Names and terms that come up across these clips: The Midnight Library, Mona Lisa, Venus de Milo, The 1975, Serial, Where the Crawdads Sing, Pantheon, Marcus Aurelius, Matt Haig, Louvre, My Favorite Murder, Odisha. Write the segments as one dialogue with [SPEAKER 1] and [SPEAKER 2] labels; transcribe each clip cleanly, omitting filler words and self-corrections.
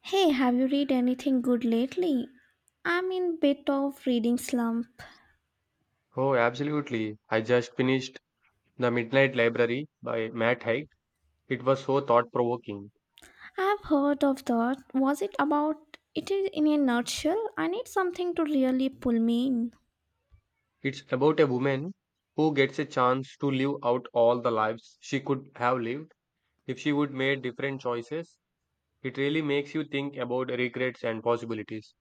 [SPEAKER 1] Hey, have you read anything good lately? I'm in bit of reading slump.
[SPEAKER 2] Oh, absolutely. I just finished The Midnight Library by Matt Haig. It was so thought-provoking.
[SPEAKER 1] I've heard of that. Was it about it is in a nutshell? I need something to really pull me in.
[SPEAKER 2] It's about a woman who gets a chance to live out all the lives she could have lived if she would made different choices. It really makes you think about regrets and possibilities.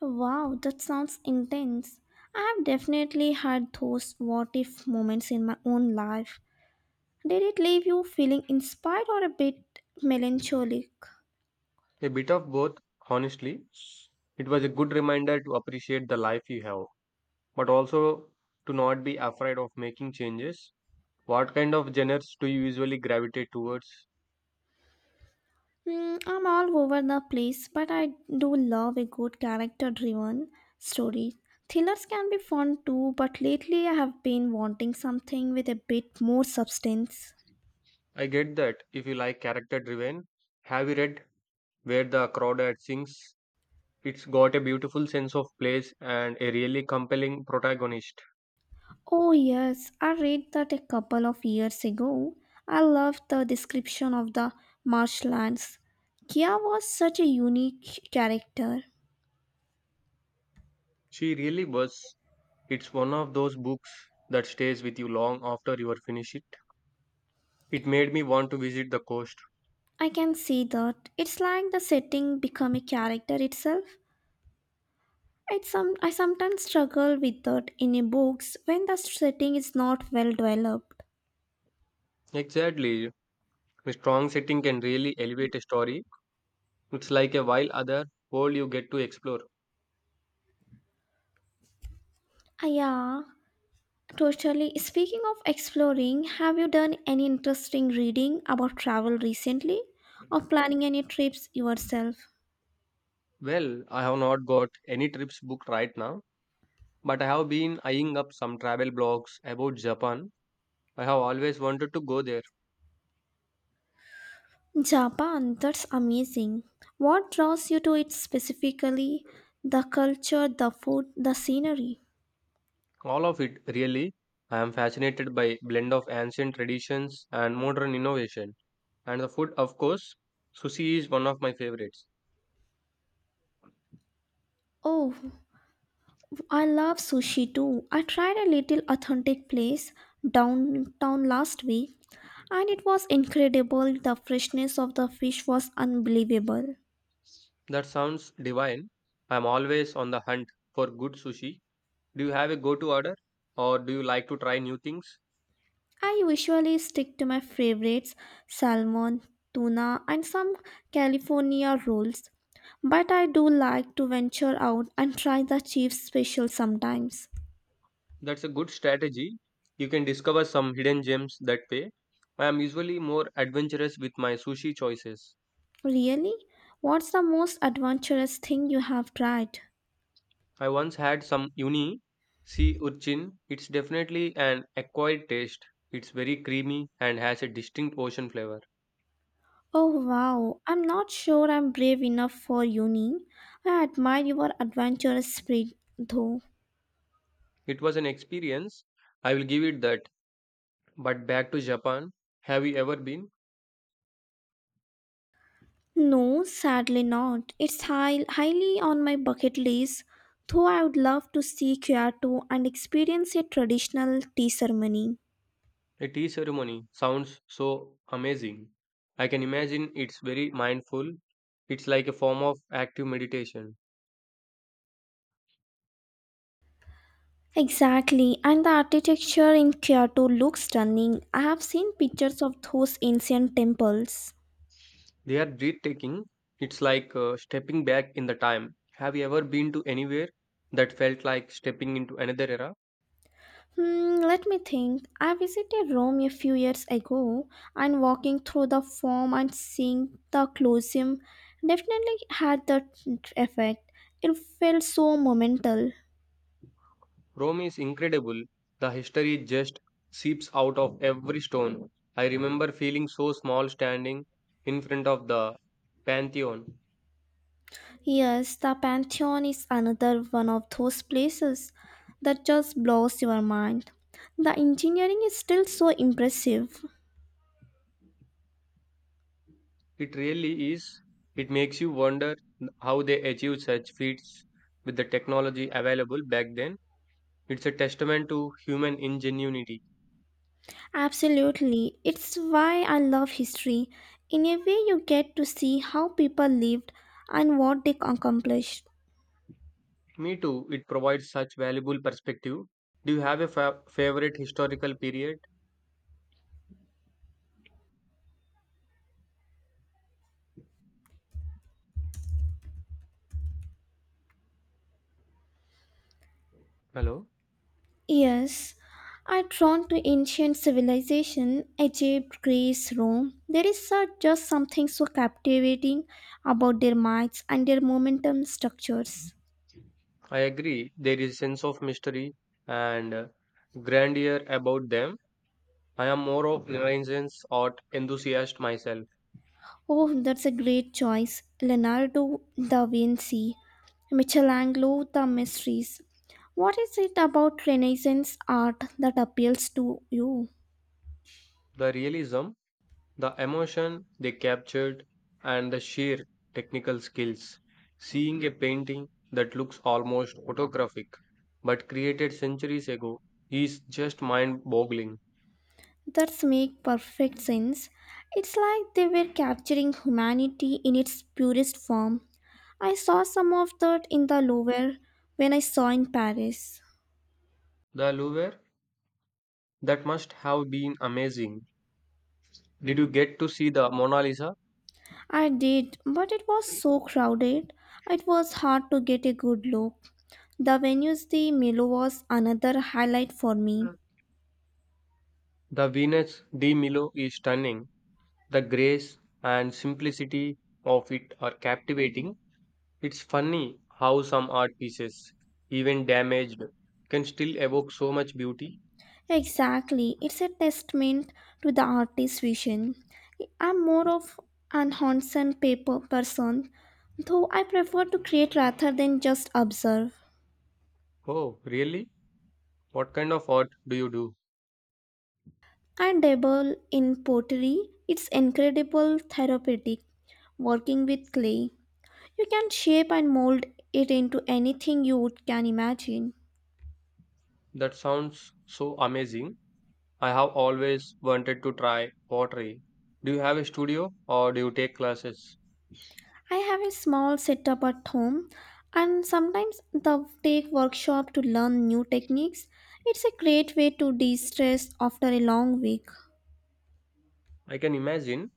[SPEAKER 1] Wow, that sounds intense. I have definitely had those what if moments in my own life. Did it leave you feeling inspired or a bit melancholic?
[SPEAKER 2] A bit of both, honestly. It was a good reminder to appreciate the life you have, but also to not be afraid of making changes. What kind of genres do you usually gravitate towards?
[SPEAKER 1] I'm all over the place, but I do love a good character driven story. Thrillers can be fun too, but lately I have been wanting something with a bit more substance.
[SPEAKER 2] I get that. If you like character driven, have you read Where the Crawdads Sings? It's got a beautiful sense of place and a really compelling protagonist.
[SPEAKER 1] Oh, yes, I read that a couple of years ago. I loved the description of the marshlands. Kia was such a unique character.
[SPEAKER 2] She really was. It's one of those books that stays with you long after you are finished it. It made me want to visit the coast.
[SPEAKER 1] I can see that. It's like the setting become a character itself. It's some I sometimes struggle with that in a books when the setting is not well developed.
[SPEAKER 2] Exactly. A strong setting can really elevate a story. It's like a wild other world you get to explore.
[SPEAKER 1] Yeah, totally. Speaking of exploring, have you done any interesting reading about travel recently, or planning any trips yourself?
[SPEAKER 2] Well, I have not got any trips booked right now, but I have been eyeing up some travel blogs about Japan. I have always wanted to go there.
[SPEAKER 1] Japan, that's amazing. What draws you to it specifically? The culture, the food, the scenery.
[SPEAKER 2] All of it, really. I am fascinated by blend of ancient traditions and modern innovation. And the food, of course, sushi is one of my favorites.
[SPEAKER 1] Oh, I love sushi too. I tried a little authentic place downtown last week and it was incredible. The freshness of the fish was unbelievable.
[SPEAKER 2] That sounds divine. I am always on the hunt for good sushi. Do you have a go-to order or do you like to try new things?
[SPEAKER 1] I usually stick to my favorites salmon, tuna, and some California rolls, but I do like to venture out and try the chief special sometimes.
[SPEAKER 2] That's a good strategy. You can discover some hidden gems that way. I am usually more adventurous with my sushi choices.
[SPEAKER 1] Really? What's the most adventurous thing you have tried?
[SPEAKER 2] I once had some uni sea urchin. It's definitely an acquired taste. It's very creamy and has a distinct ocean flavor.
[SPEAKER 1] Oh wow, I'm not sure I'm brave enough for uni. I admire your adventurous spirit though.
[SPEAKER 2] It was an experience. I will give it that. But back to Japan. Have you ever been?
[SPEAKER 1] No, sadly not. It's highly on my bucket list, though I would love to see Kyoto and experience a traditional tea ceremony.
[SPEAKER 2] A tea ceremony sounds so amazing. I can imagine it's very mindful. It's like a form of active meditation.
[SPEAKER 1] Exactly, and the architecture in Kyoto looks stunning. I have seen pictures of those ancient temples.
[SPEAKER 2] They are breathtaking. It's like stepping back in the time. Have you ever been to anywhere that felt like stepping into another era?
[SPEAKER 1] Let me think. I visited Rome a few years ago and walking through the Forum and seeing the Colosseum definitely had that effect. It felt so monumental.
[SPEAKER 2] Rome is incredible. The history just seeps out of every stone. I remember feeling so small standing in front of the Pantheon.
[SPEAKER 1] Yes, the Pantheon is another one of those places that just blows your mind. The engineering is still so impressive.
[SPEAKER 2] It really is. It makes you wonder how they achieved such feats with the technology available back then. It's a testament to human ingenuity.
[SPEAKER 1] Absolutely, it's why I love history. In a way, you get to see how people lived and what they accomplished.
[SPEAKER 2] Me too, it provides such valuable perspective. Do you have a favorite historical period? Hello?
[SPEAKER 1] Yes, are drawn to ancient civilization, Egypt, Greece, Rome. There is just something so captivating about their minds and their momentum structures.
[SPEAKER 2] I agree. There is a sense of mystery and grandeur about them. I am more of Renaissance art enthusiast myself.
[SPEAKER 1] Oh, that's a great choice. Leonardo da Vinci, Michelangelo, the mysteries. What is it about Renaissance art that appeals to you?
[SPEAKER 2] The realism, the emotion they captured, and the sheer technical skills. Seeing a painting that looks almost photographic but created centuries ago is just mind boggling.
[SPEAKER 1] That's make perfect sense. It's like they were capturing humanity in its purest form. I saw some of that in the Louvre when I saw in Paris.
[SPEAKER 2] The Louvre, that must have been amazing. Did you get to see the Mona Lisa?
[SPEAKER 1] I did, but it was so crowded. It was hard to get a good look. The venues the Milo was another highlight for me.
[SPEAKER 2] The Venus de Milo is stunning. The grace and simplicity of it are captivating. It's funny how some art pieces, even damaged, can still evoke so much beauty.
[SPEAKER 1] Exactly, it's a testament to the artist's vision. I'm more of an hands on paper person, though I prefer to create rather than just observe.
[SPEAKER 2] Oh, really? What kind of art do you do?
[SPEAKER 1] I dabble in pottery, it's incredible therapeutic working with clay. You can shape and mold it into anything you would can imagine.
[SPEAKER 2] That sounds so amazing. I have always wanted to try pottery. Do you have a studio or do you take classes?
[SPEAKER 1] I have a small setup at home and sometimes the take workshop to learn new techniques. It's a great way to de-stress after a long week.
[SPEAKER 2] I can imagine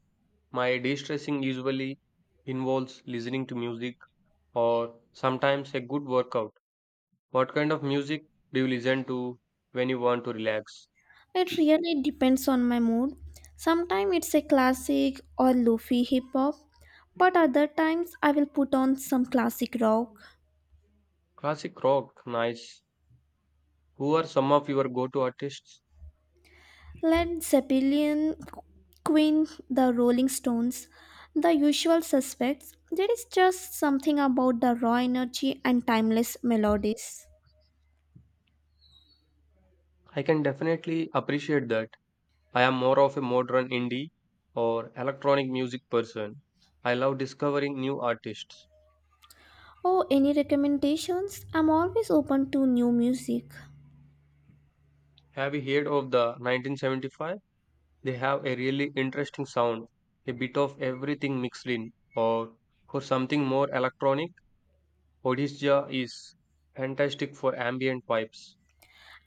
[SPEAKER 2] my de stressing usually involves listening to music or sometimes a good workout. What kind of music do you listen to when you want to relax?
[SPEAKER 1] It really depends on my mood. Sometimes it's a classic or lofi hip hop, but other times I will put on some classic rock.
[SPEAKER 2] Classic rock, nice. Who are some of your go to artists?
[SPEAKER 1] Led Zeppelin, Queen, the Rolling Stones, the usual suspects. There is just something about the raw energy and timeless melodies.
[SPEAKER 2] I can definitely appreciate that. I am more of a modern indie or electronic music person. I love discovering new artists.
[SPEAKER 1] Oh, any recommendations? I'm always open to new music.
[SPEAKER 2] Have you heard of the 1975? They have a really interesting sound, a bit of everything mixed in. Or for something more electronic, Odisha is fantastic for ambient vibes.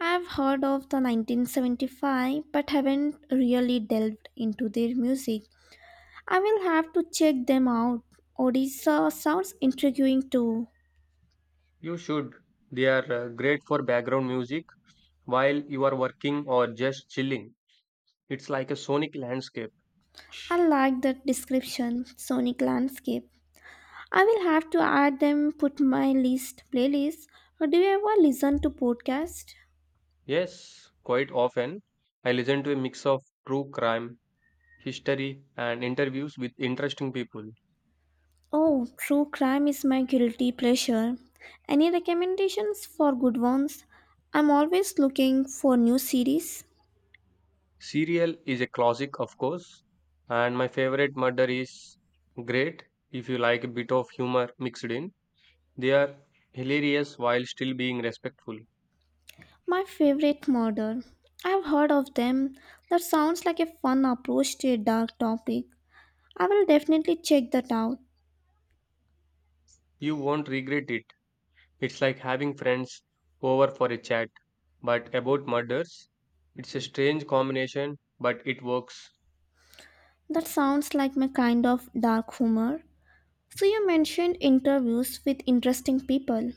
[SPEAKER 1] I've heard of the 1975 but haven't really delved into their music. I will have to check them out. Odisha sounds intriguing too.
[SPEAKER 2] You should. They are great for background music while you are working or just chilling. It's like a sonic landscape.
[SPEAKER 1] I like that description, sonic landscape. I will have to add them put my list playlist. Do you ever listen to podcast?
[SPEAKER 2] Yes, quite often I listen to a mix of true crime, history, and interviews with interesting people.
[SPEAKER 1] Oh, true crime is my guilty pleasure. Any recommendations for good ones? I'm always looking for new series.
[SPEAKER 2] Serial is a classic, of course, and my favorite murder is great if you like a bit of humor mixed in. They are hilarious while still being respectful.
[SPEAKER 1] My favorite murder. I've heard of them. That sounds like a fun approach to a dark topic. I will definitely check that out.
[SPEAKER 2] You won't regret it. It's like having friends over for a chat, but about murders. It's a strange combination, but it works.
[SPEAKER 1] That sounds like my kind of dark humor. So, you mentioned interviews with interesting people.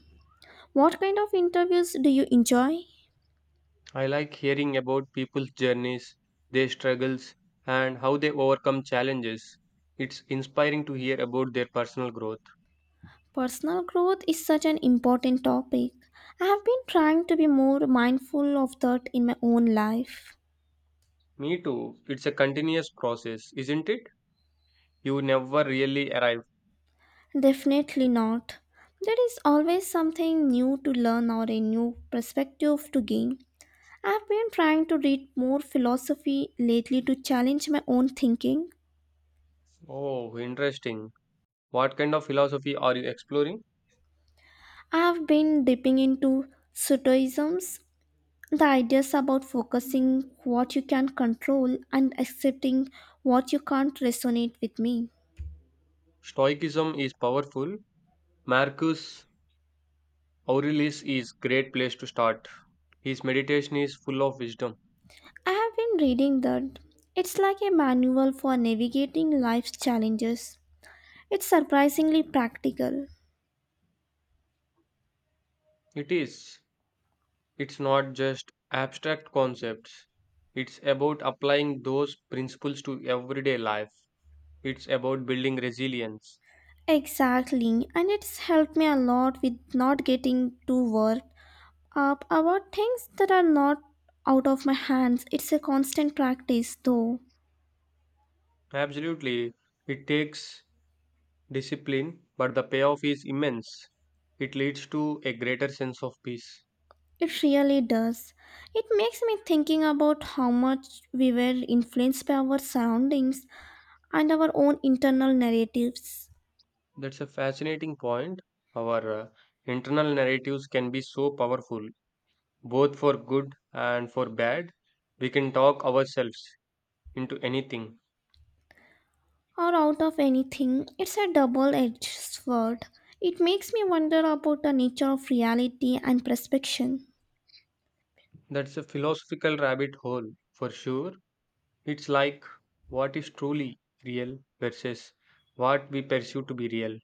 [SPEAKER 1] What kind of interviews do you enjoy?
[SPEAKER 2] I like hearing about people's journeys, their struggles, and how they overcome challenges. It's inspiring to hear about their personal growth.
[SPEAKER 1] Personal growth is such an important topic. I have been trying to be more mindful of that in my own life.
[SPEAKER 2] Me too. It's a continuous process, isn't it? You never really arrive.
[SPEAKER 1] Definitely not. There is always something new to learn or a new perspective to gain. I have been trying to read more philosophy lately to challenge my own thinking.
[SPEAKER 2] Oh, interesting. What kind of philosophy are you exploring?
[SPEAKER 1] I have been dipping into Stoicisms, the ideas about focusing what you can control and accepting what you can't resonate with me.
[SPEAKER 2] Stoicism is powerful. Marcus Aurelius is great place to start. His meditation is full of wisdom.
[SPEAKER 1] I have been reading that it's like a manual for navigating life's challenges. It's surprisingly practical.
[SPEAKER 2] It is. It's not just abstract concepts. It's about applying those principles to everyday life. It's about building resilience.
[SPEAKER 1] Exactly, and it's helped me a lot with not getting too worked up about things that are not out of my hands. It's a constant practice, though.
[SPEAKER 2] Absolutely. It takes discipline, but the payoff is immense. It leads to a greater sense of peace.
[SPEAKER 1] It really does. It makes me thinking about how much we were influenced by our surroundings and our own internal narratives.
[SPEAKER 2] That's a fascinating point. Our internal narratives can be so powerful, both for good and for bad. We can talk ourselves into anything.
[SPEAKER 1] Or out of anything, it's a double edged sword. It makes me wonder about the nature of reality and perception.
[SPEAKER 2] That's a philosophical rabbit hole for sure. It's like what is truly real versus what we perceive to be real.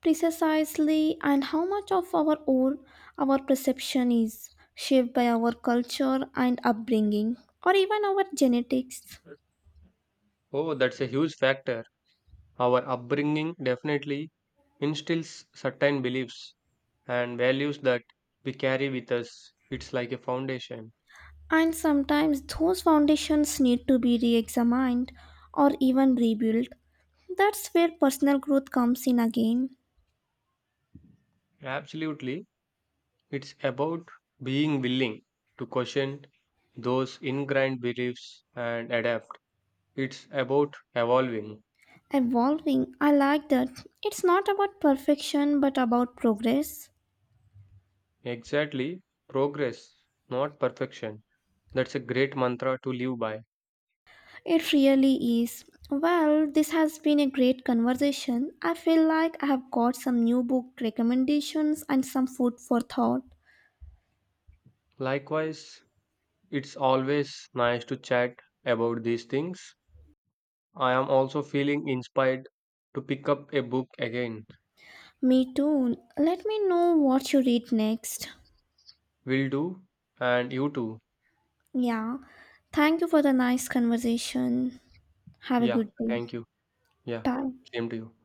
[SPEAKER 1] Precisely, and how much of our own, our perception is shaped by our culture and upbringing, or even our genetics.
[SPEAKER 2] Oh, that's a huge factor. Our upbringing definitely instills certain beliefs and values that we carry with us. It's like a foundation.
[SPEAKER 1] And sometimes those foundations need to be re examined or even rebuilt. That's where personal growth comes in again.
[SPEAKER 2] Absolutely. It's about being willing to question those ingrained beliefs and adapt. It's about evolving.
[SPEAKER 1] Evolving, I like that. It's not about perfection but about progress.
[SPEAKER 2] Exactly. Progress, not perfection. That's a great mantra to live by.
[SPEAKER 1] It really is. Well, this has been a great conversation. I feel like I have got some new book recommendations and some food for thought.
[SPEAKER 2] Likewise, it's always nice to chat about these things. I am also feeling inspired to pick up a book again.
[SPEAKER 1] Me too. Let me know what you read next.
[SPEAKER 2] Will do. And you too.
[SPEAKER 1] Yeah. Thank you for the nice conversation. Have a
[SPEAKER 2] Yeah.
[SPEAKER 1] good day.
[SPEAKER 2] Thank you. Yeah.
[SPEAKER 1] Bye.
[SPEAKER 2] Same to you.